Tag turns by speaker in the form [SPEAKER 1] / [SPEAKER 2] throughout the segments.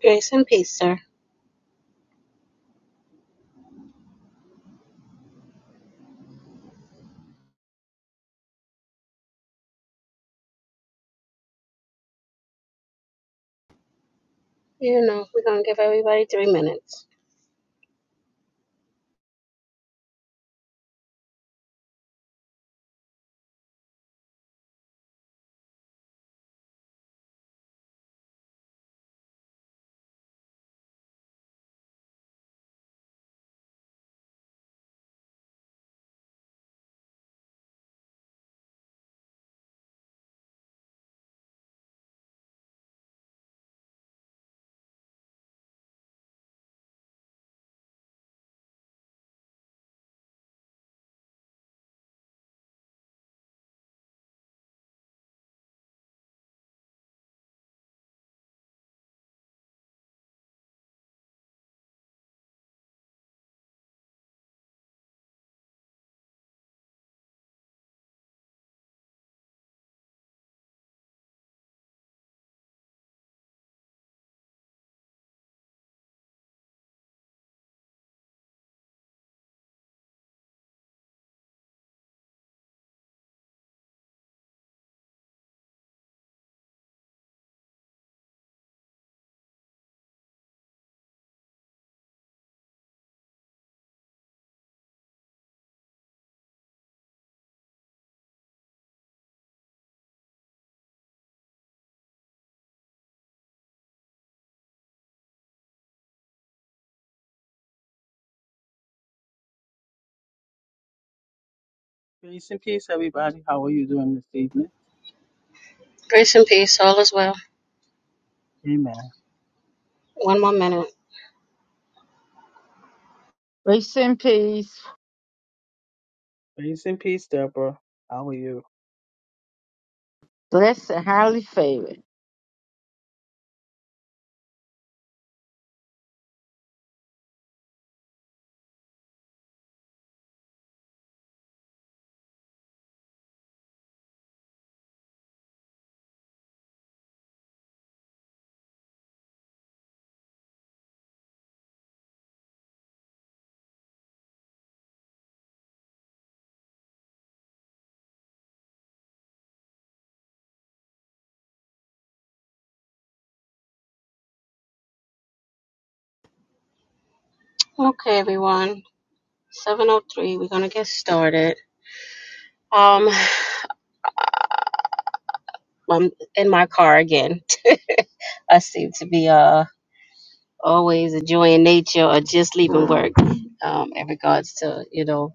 [SPEAKER 1] Grace and peace, sir. You know, we're going to give everybody three minutes.
[SPEAKER 2] Grace and peace, everybody. How are you doing this evening?
[SPEAKER 1] Grace and peace, all is well.
[SPEAKER 2] Amen.
[SPEAKER 1] One more minute.
[SPEAKER 3] Grace and peace,
[SPEAKER 2] Grace and peace, Deborah. How are you?
[SPEAKER 3] blessed and highly favored.
[SPEAKER 1] Okay, everyone. 7.03, we're going to get started. Um, I'm in my car again. I seem to be uh always enjoying nature or just leaving work um, in regards to, you know,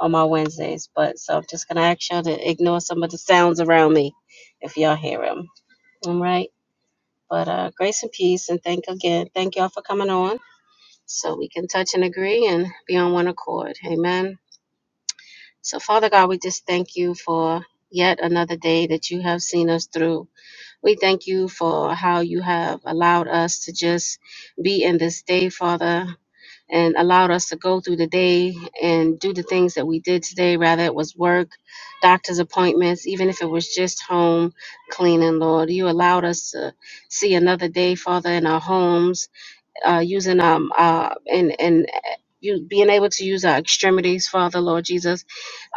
[SPEAKER 1] on my Wednesdays. But so I'm just going to ask y'all to ignore some of the sounds around me if y'all hear them. All right. But uh, grace and peace, and thank again. Thank y'all for coming on. so we can touch and agree and be on one accord. Amen. So, Father God, we just thank you for yet another day that you have seen us through. We thank you for how you have allowed us to just be in this day, Father. And allowed us to go through the day and do the things that we did today, rather it was work, doctor's appointments, even if it was just home cleaning, Lord. You allowed us to see another day, Father, in our homes, uh, using um uh and and uh, you being able to use our extremities, Father Lord Jesus,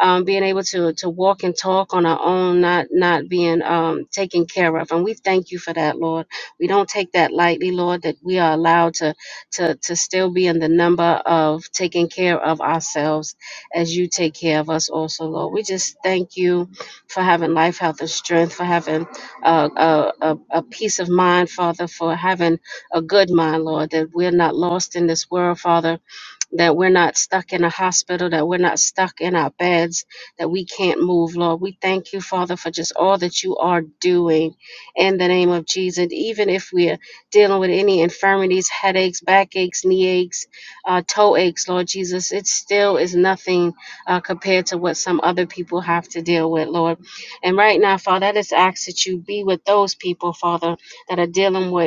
[SPEAKER 1] um, being able to to walk and talk on our own, not not being um taken care of, and we thank you for that, Lord. We don't take that lightly, Lord, that we are allowed to to to still be in the number of taking care of ourselves as you take care of us, also, Lord. We just thank you for having life, health, and strength, for having uh, a, a a peace of mind, Father, for having a good mind, Lord, that we're not lost in this world, Father, that we're not stuck in a hospital, that we're not stuck in our beds, that we can't move, Lord. We thank you, Father, for just all that you are doing in the name of Jesus. Even if we're dealing with any infirmities, headaches, backaches, knee aches, uh, toe aches, Lord Jesus, it still is nothing uh, compared to what some other people have to deal with, Lord. And right now, Father, I just ask that you be with those people, Father, that are dealing with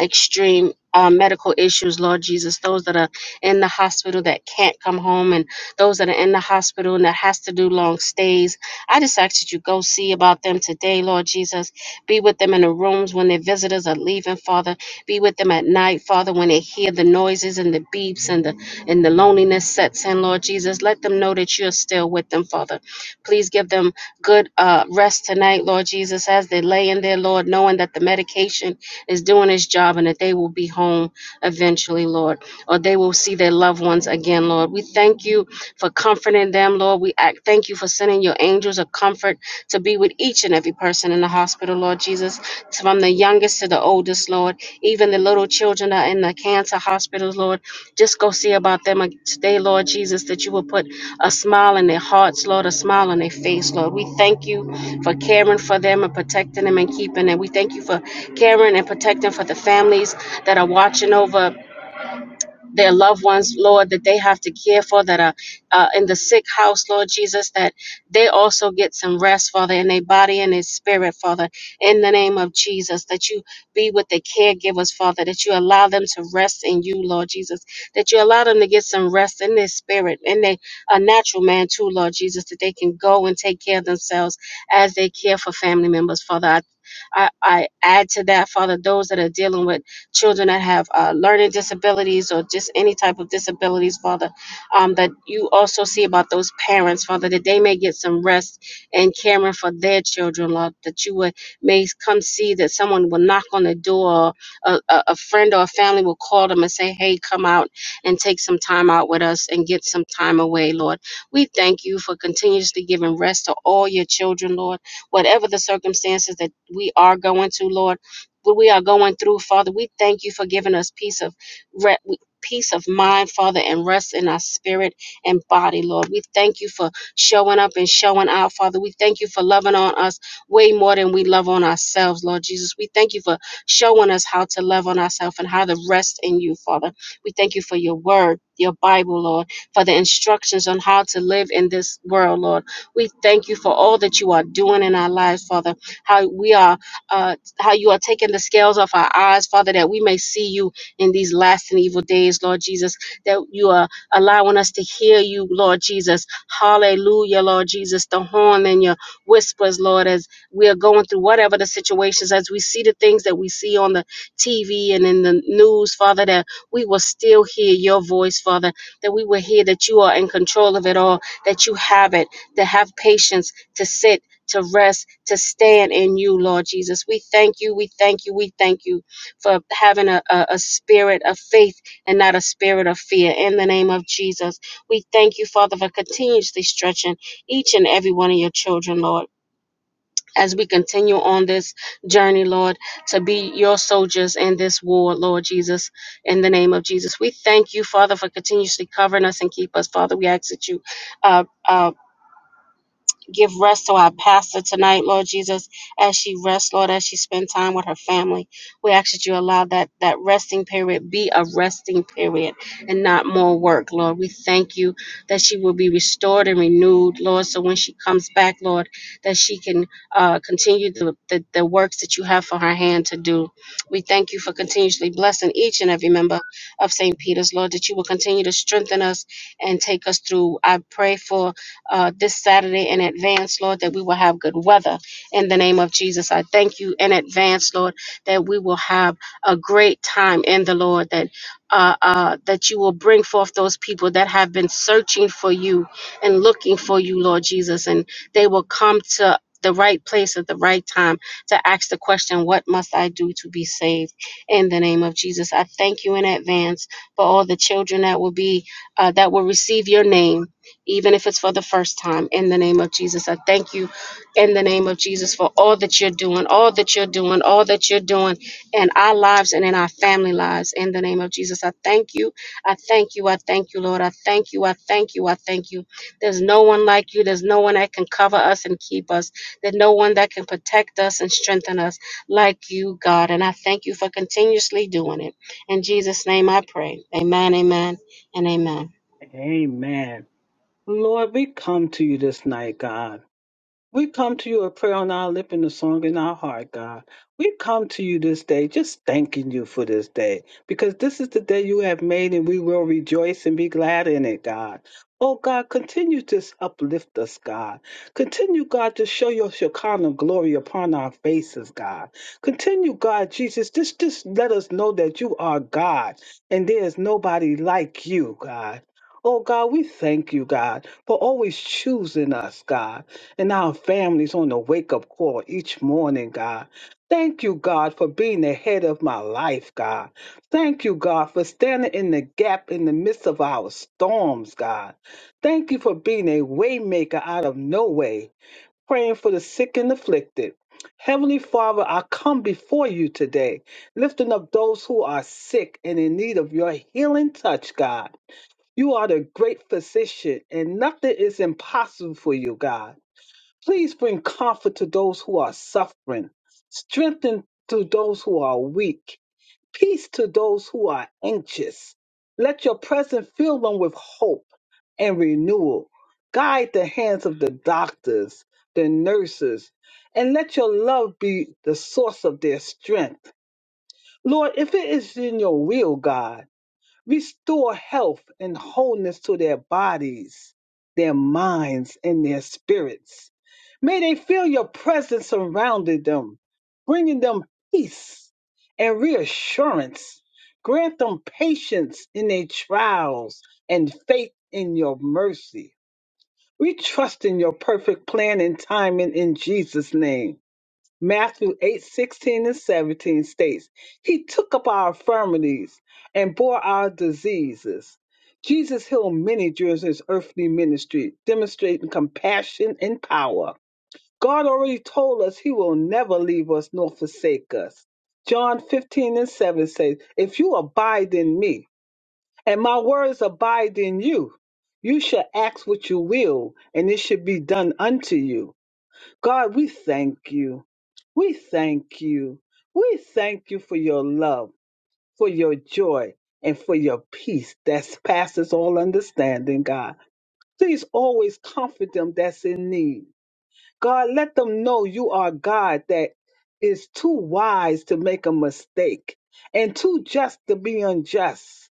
[SPEAKER 1] extreme uh, medical issues, Lord Jesus, those that are in the hospital that can't come home, and those that are in the hospital and that has to do long stays. I just ask that you go see about them today, Lord Jesus. Be with them in the rooms when their visitors are leaving, Father. Be with them at night, Father, when they hear the noises and the beeps and the and the loneliness sets in, Lord Jesus. Let them know that you're still with them, Father. Please give them good uh, rest tonight, Lord Jesus, as they lay in there, Lord, knowing that the medication is doing his job and that they will be home eventually, Lord, or they will see their loved ones again, Lord. We thank you for comforting them, Lord. We act, thank you for sending your angels of comfort to be with each and every person in the hospital, Lord Jesus, from the youngest to the oldest, Lord. Even the little children that are in the cancer hospitals, Lord. Just go see about them today, Lord Jesus, that you will put a smile in their hearts, Lord, a smile on their face, Lord. We thank you for caring for them and protecting them and keeping them. We thank you for caring and protecting for the families that are watching over their loved ones, Lord, that they have to care for that are uh, in the sick house, Lord Jesus, that they also get some rest, Father, in their body and their spirit, Father, in the name of Jesus, that you be with the caregivers, Father, that you allow them to rest in you, Lord Jesus, that you allow them to get some rest in their spirit, in their a natural man too, Lord Jesus, that they can go and take care of themselves as they care for family members, Father. I I, I add to that, Father, those that are dealing with children that have uh, learning disabilities or just any type of disabilities, Father, um, that you also see about those parents, Father, that they may get some rest and caring for their children, Lord, that you would may come see that someone will knock on the door, a, a, a friend or a family will call them and say, hey, come out and take some time out with us and get some time away, Lord. We thank you for continuously giving rest to all your children, Lord, whatever the circumstances that we are going to, Lord what we are going through, Father. We thank you for giving us peace of re- peace of mind, Father, and rest in our spirit and body, Lord. We thank you for showing up and showing out, Father. We thank you for loving on us way more than we love on ourselves, Lord Jesus. We thank you for showing us how to love on ourselves and how to rest in you, Father. We thank you for your word, your Bible, Lord, for the instructions on how to live in this world, Lord. We thank you for all that you are doing in our lives, Father, how we are uh, how you are taking the scales off our eyes, Father, that we may see you in these last and evil days, Lord Jesus, that you are allowing us to hear you, Lord Jesus. Hallelujah, Lord Jesus, the horn and your whispers, Lord, as we are going through whatever the situations, as we see the things that we see on the TV and in the news, Father, that we will still hear your voice, Father, that we will hear that you are in control of it all, that you have it, to have patience, to sit to rest, to stand in you, Lord Jesus. We thank you, we thank you, we thank you for having a, a, a spirit of faith and not a spirit of fear. In the name of Jesus, we thank you, Father, for continuously stretching each and every one of your children, Lord. As we continue on this journey, Lord, to be your soldiers in this war, Lord Jesus, in the name of Jesus. We thank you, Father, for continuously covering us and keep us, Father. We ask that you uh, uh, Give rest to our pastor tonight, Lord Jesus, as she rests, Lord, as she spends time with her family. We ask that you allow that, that resting period be a resting period and not more work, Lord. We thank you that she will be restored and renewed, Lord, so when she comes back, Lord, that she can uh, continue the, the, the works that you have for her hand to do. We thank you for continuously blessing each and every member of St. Peter's, Lord, that you will continue to strengthen us and take us through. I pray for uh, this Saturday in advance, Lord, that we will have good weather in the name of Jesus. I thank you in advance, Lord, that we will have a great time in the Lord, that uh, uh, that you will bring forth those people that have been searching for you and looking for you, Lord Jesus, and they will come to the right place at the right time to ask the question, What must I do to be saved? In the name of Jesus, I thank you in advance for all the children that will be, uh, that will receive your name even if it's for the first time. In the name of Jesus, I thank you in the name of Jesus for all that you're doing, all that you're doing, all that you're doing in our lives and in our family lives. In the name of Jesus, I thank you. I thank you. I thank you, Lord. I thank you. I thank you. I thank you. There's no one like you. There's no one that can cover us and keep us. There's no one that can protect us and strengthen us like you, God. And I thank you for continuously doing it. In Jesus' name I pray. Amen, amen, and amen.
[SPEAKER 2] Amen. Lord, we come to you this night, God. We come to you with prayer on our lip and a song in our heart, God. We come to you this day just thanking you for this day because this is the day you have made and we will rejoice and be glad in it, God. Oh, God, continue to uplift us, God. Continue, God, to show your Shekinah glory upon our faces, God. Continue, God, Jesus, just, just let us know that you are God and there is nobody like you, God. Oh, God, we thank you, God, for always choosing us, God and our families on the wake up call each morning, God. Thank you, God, for being the head of my life, God. Thank you, God, for standing in the gap in the midst of our storms, God. Thank you for being a waymaker out of no way, praying for the sick and afflicted. Heavenly Father, I come before you today, lifting up those who are sick and in need of your healing touch, God. You are the great physician, and nothing is impossible for you, God. Please bring comfort to those who are suffering, strengthen to those who are weak, peace to those who are anxious. Let your presence fill them with hope and renewal. Guide the hands of the doctors, the nurses, and let your love be the source of their strength. Lord, if it is in your will, God, Restore health and wholeness to their bodies, their minds, and their spirits. May they feel your presence surrounding them, bringing them peace and reassurance. Grant them patience in their trials and faith in your mercy. We trust in your perfect plan and timing in Jesus' name. Matthew 8 16 and 17 states, He took up our infirmities and bore our diseases. Jesus healed many during his earthly ministry, demonstrating compassion and power. God already told us he will never leave us nor forsake us. John 15 and 7 says, If you abide in me and my words abide in you, you shall ask what you will, and it shall be done unto you. God, we thank you. We thank you. We thank you for your love, for your joy, and for your peace that passes all understanding, God. Please always comfort them that's in need. God, let them know you are God that is too wise to make a mistake and too just to be unjust.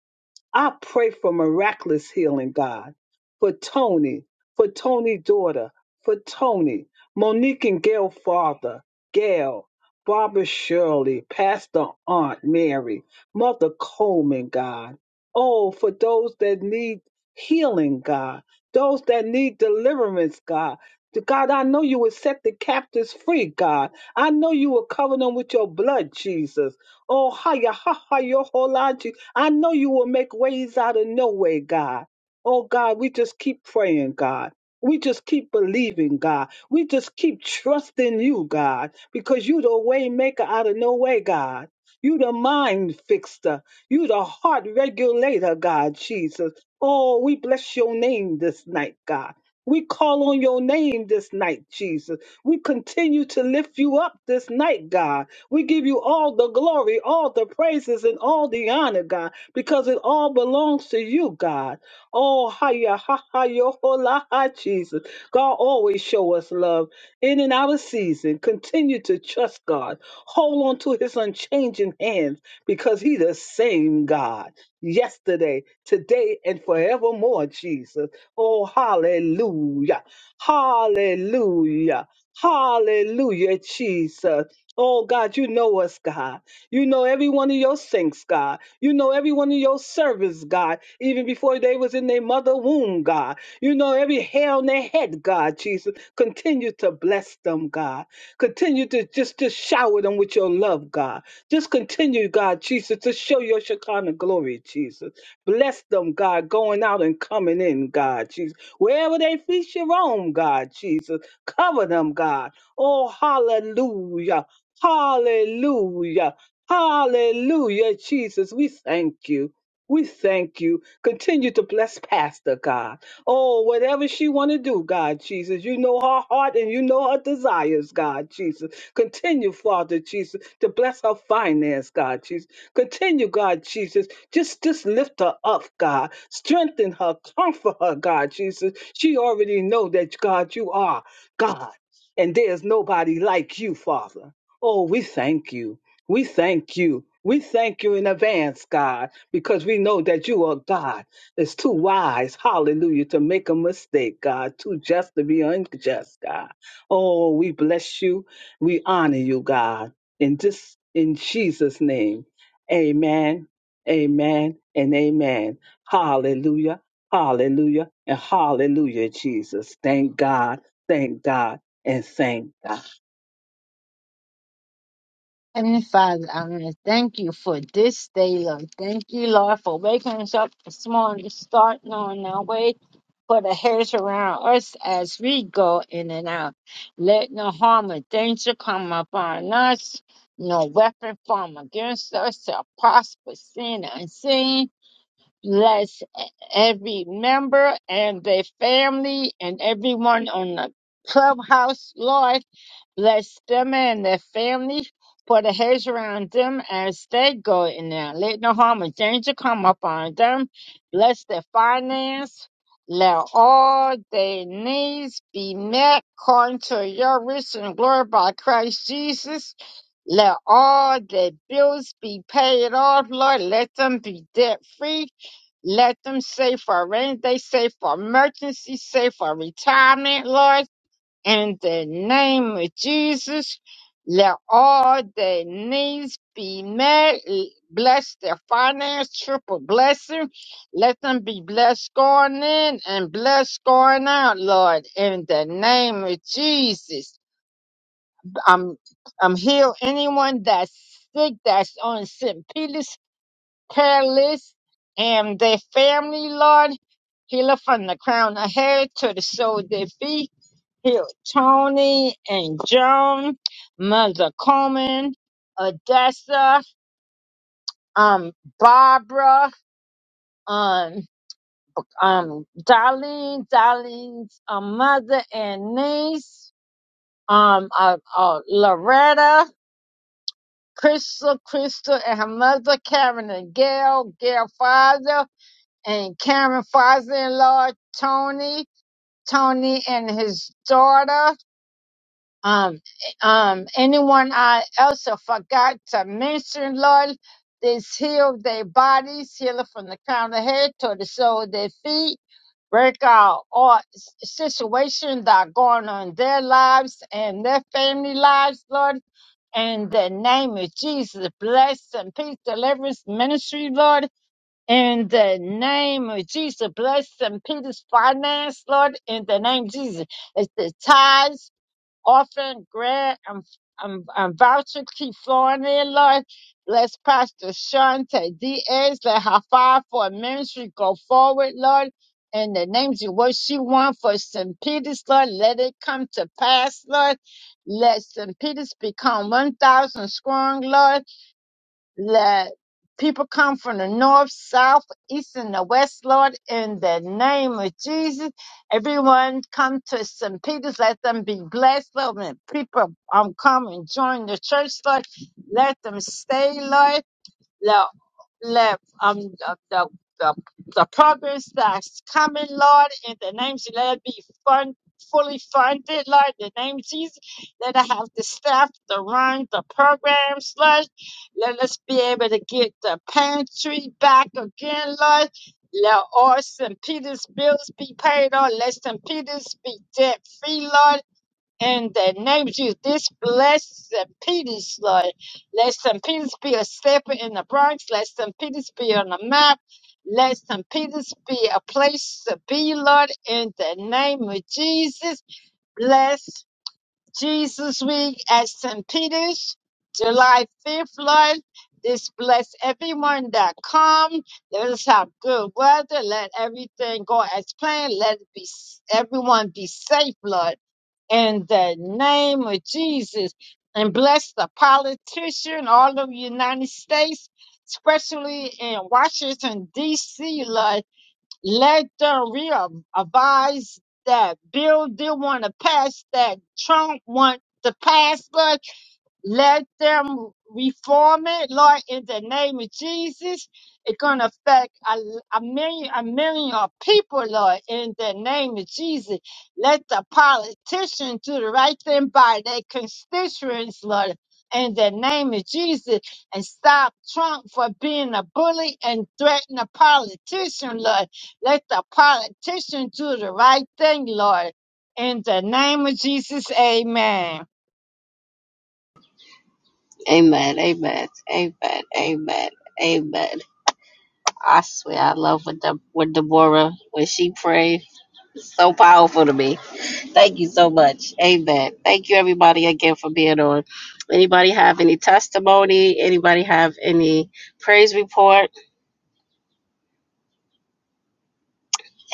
[SPEAKER 2] I pray for miraculous healing, God, for Tony, for Tony's daughter, for Tony, Monique and Gail father, Gail, Barbara Shirley, Pastor Aunt Mary, Mother Coleman, God. Oh, for those that need healing, God, those that need deliverance, God. God, I know you will set the captives free, God. I know you will cover them with your blood, Jesus. Oh, hiya, ha, ha, yo, ho, I know you will make ways out of no way, God. Oh, God, we just keep praying, God. We just keep believing, God. We just keep trusting you, God, because you the way maker out of no way, God. You the mind fixer. You the heart regulator, God, Jesus. Oh, we bless your name this night, God. We call on your name this night, Jesus. We continue to lift you up this night, God. We give you all the glory, all the praises, and all the honor, God, because it all belongs to you, God. Oh, hiya, ha, ha, yo, ho, la, hi, Jesus. God always show us love in and out of season. Continue to trust God. Hold on to his unchanging hands because he the same God yesterday, today, and forevermore, Jesus. Oh, hallelujah. Hallelujah. Hallelujah, Jesus. Oh God, you know us, God. You know every one of your saints, God. You know every one of your servants, God. Even before they was in their mother womb, God. You know every hair on their head, God, Jesus. Continue to bless them, God. Continue to just, just shower them with your love, God. Just continue, God, Jesus, to show your Shekinah glory, Jesus. Bless them, God, going out and coming in, God, Jesus. Wherever they feast your own, God, Jesus. Cover them, God. Oh, hallelujah. Hallelujah. Hallelujah, Jesus. We thank you. We thank you. Continue to bless Pastor God. Oh, whatever she want to do, God Jesus, you know her heart and you know her desires, God Jesus. Continue, Father Jesus, to bless her finance, God Jesus. Continue, God Jesus, just just lift her up, God. Strengthen her, comfort her, God Jesus. She already know that God, you are God, and there's nobody like you, Father. Oh, we thank you. We thank you. We thank you in advance, God, because we know that you are God. It's too wise, hallelujah, to make a mistake, God, too just to be unjust, God. Oh, we bless you. We honor you, God. In this in Jesus' name. Amen. Amen and amen. Hallelujah. Hallelujah and hallelujah, Jesus. Thank God. Thank God and thank God.
[SPEAKER 3] Heavenly Father, I want to thank you for this day, Lord. Thank you, Lord, for waking us up this morning, starting on our way for the hairs around us as we go in and out. Let no harm or danger come upon us, no weapon formed against us shall prosper, seen and unseen. Bless every member and their family and everyone on the clubhouse, Lord. Bless them and their families. Put a hedge around them as they go in there. Let no harm or danger come upon them. Bless their finance. Let all their needs be met according to your riches and glory by Christ Jesus. Let all their bills be paid off, Lord. Let them be debt free. Let them save for rainy day, save for emergency, save for retirement, Lord. In the name of Jesus, let all their needs be met. Bless their finance, triple blessing. Let them be blessed going in and blessed going out, Lord. In the name of Jesus, I'm I'm heal anyone that's sick, that's on St. Peter's prayer list, and their family, Lord. Heal it from the crown of head to the sole of their feet Hill, Tony and Joan, Mother Coleman, Odessa, um, Barbara, um, um, Darlene, Darlene's um, mother and niece, um, uh, uh, Loretta, Crystal, Crystal and her mother, Karen and Gail, Gail father, and Karen father-in-law, Tony, Tony and his daughter, Um, um, anyone I else I forgot to mention, Lord, is heal their bodies, heal it from the crown of the head to the sole of their feet. Break out all s- situations that are going on in their lives and their family lives, Lord. In the name of Jesus, bless and peace deliverance ministry, Lord. In the name of Jesus, bless and peace finance, Lord. In the name of Jesus, it's the tithes offering, grant. I'm, I'm, I'm vouching, keep flowing in, Lord. Bless Pastor Shante Diaz. Let her fire for ministry go forward, Lord. In the names of what she wants for St. Peter's, Lord, let it come to pass, Lord. Let St. Peter's become 1,000 strong, Lord. Let people come from the north, south, east, and the west, Lord, in the name of Jesus. Everyone come to St. Peter's. Let them be blessed, Lord. When people um, come and join the church, Lord, let them stay, Lord. Lord, let um the the, the, the progress that's coming, Lord, in the name of Jesus, let it be fun fully funded, Lord, in the name of Jesus. Let I have the staff to run the programs, Lord. Let us be able to get the pantry back again, Lord. Let all St. Peter's bills be paid on. Let St. Peter's be debt free, Lord in the name of Jesus, this blessed St. Peter's, Lord. Let St. Peter's be a step in the Bronx. Let St. Peter's be on the map. Let St. Peter's be a place to be, Lord, in the name of Jesus. Bless Jesus Week at St. Peter's, July 5th, Lord. This bless everyone that come. Let us have good weather. Let everything go as planned. Let it be everyone be safe, Lord in the name of Jesus and bless the politician all over the United States, especially in Washington, D.C. Lord. Let them revise that bill they want to pass that Trump want to pass, Lord. Let them reform it, Lord, in the name of Jesus. It's going to affect a, a million, a million of people, Lord, in the name of Jesus. Let the politicians do the right thing by their constituents, Lord, in the name of Jesus, and stop Trump for being a bully and threaten a politician, Lord. Let the politician do the right thing, Lord. In the name of Jesus, amen.
[SPEAKER 1] Amen, amen, amen, amen, amen. I swear, I love what the what Deborah when she prayed. So powerful to me. Thank you so much. Amen. Thank you everybody again for being on. Anybody have any testimony? Anybody have any praise report?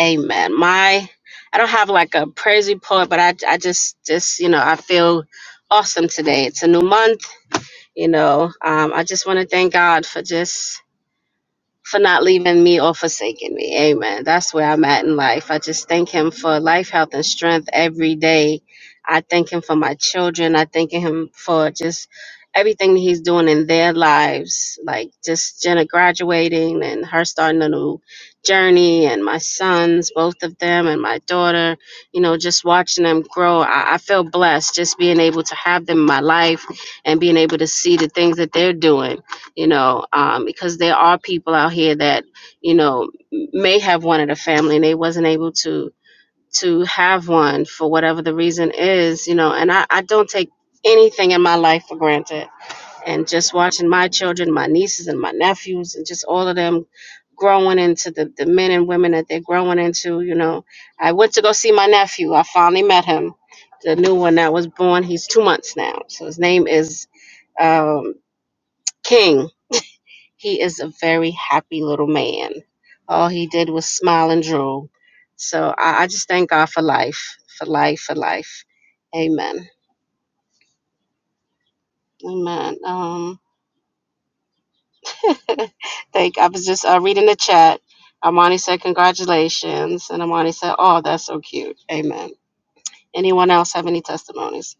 [SPEAKER 1] Amen. My, I don't have like a praise report, but I I just just you know I feel awesome today. It's a new month. You know, um, I just want to thank God for just for not leaving me or forsaking me. Amen. That's where I'm at in life. I just thank him for life, health, and strength every day. I thank him for my children. I thank him for just everything that he's doing in their lives, like just Jenna graduating and her starting a new journey, and my sons, both of them, and my daughter, you know, just watching them grow. I, I feel blessed just being able to have them in my life and being able to see the things that they're doing you know, um, because there are people out here that, you know, may have wanted a family and they wasn't able to to have one for whatever the reason is, you know, and I, I don't take anything in my life for granted. And just watching my children, my nieces and my nephews and just all of them growing into the, the men and women that they're growing into, you know. I went to go see my nephew. I finally met him. The new one that was born, he's two months now. So his name is um, King he is a very happy little man. All he did was smile and drool. So I, I just thank God for life, for life, for life. Amen. Amen. Um, thank. I was just uh, reading the chat. Armani said, "Congratulations," and Armani said, "Oh, that's so cute." Amen. Anyone else have any testimonies?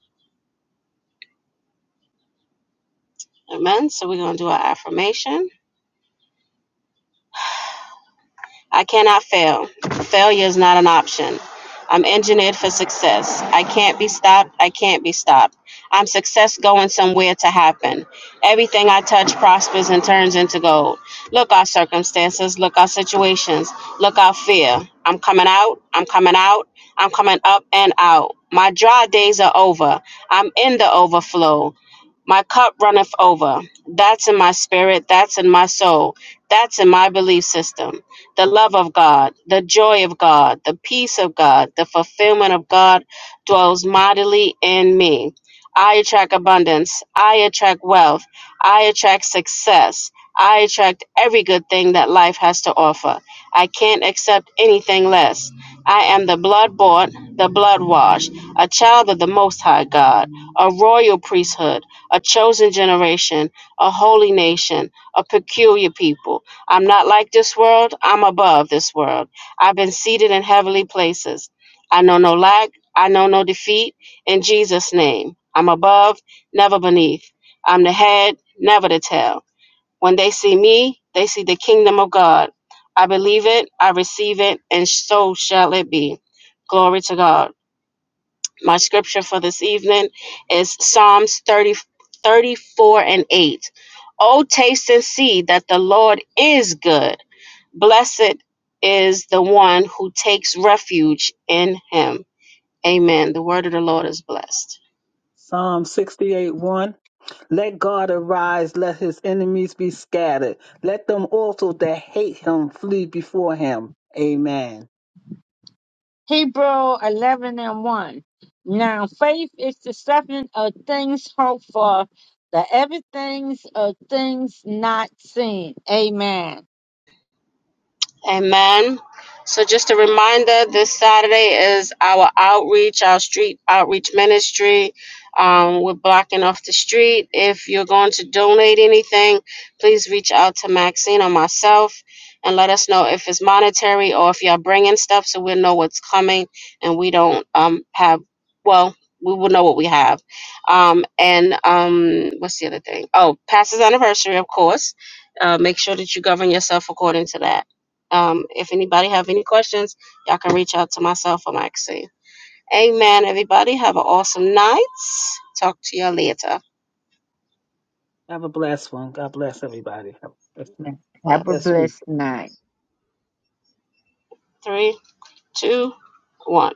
[SPEAKER 1] Amen. So we're gonna do our affirmation. I cannot fail. Failure is not an option. I'm engineered for success. I can't be stopped. I can't be stopped. I'm success going somewhere to happen. Everything I touch prospers and turns into gold. Look our circumstances, look our situations, look our fear. I'm coming out. I'm coming out. I'm coming up and out. My dry days are over. I'm in the overflow. My cup runneth over. That's in my spirit. That's in my soul. That's in my belief system. The love of God, the joy of God, the peace of God, the fulfillment of God dwells mightily in me. I attract abundance. I attract wealth. I attract success. I attract every good thing that life has to offer. I can't accept anything less. I am the blood bought, the blood washed, a child of the Most High God, a royal priesthood a chosen generation, a holy nation, a peculiar people. I'm not like this world, I'm above this world. I've been seated in heavenly places. I know no lack, I know no defeat. In Jesus' name, I'm above, never beneath. I'm the head, never the tail. When they see me, they see the kingdom of God. I believe it, I receive it, and so shall it be. Glory to God. My scripture for this evening is Psalms 30, 34, and 8. Oh, taste and see that the Lord is good. Blessed is the one who takes refuge in him. Amen. The word of the Lord is blessed.
[SPEAKER 2] Psalm 68 1. Let God arise, let his enemies be scattered. Let them also that hate him flee before him. Amen.
[SPEAKER 3] Hebrew 11 and 1. Now faith is the substance of things hoped for, the evidence of things not seen. Amen.
[SPEAKER 1] Amen. So, just a reminder this Saturday is our outreach, our street outreach ministry. Um, we're blocking off the street. If you're going to donate anything, please reach out to Maxine or myself and let us know if it's monetary or if y'all bringing stuff so we'll know what's coming and we don't um, have, well, we will know what we have. Um, and um, what's the other thing? Oh, pastor's anniversary, of course. Uh, make sure that you govern yourself according to that. Um, if anybody have any questions, y'all can reach out to myself or Maxine. Amen, everybody. Have an awesome night. Talk to y'all later.
[SPEAKER 2] Have a blessed one. God bless everybody. Have a blessed
[SPEAKER 3] Have
[SPEAKER 1] But
[SPEAKER 3] a
[SPEAKER 2] blessed week.
[SPEAKER 3] blessed night.
[SPEAKER 1] three, two, one.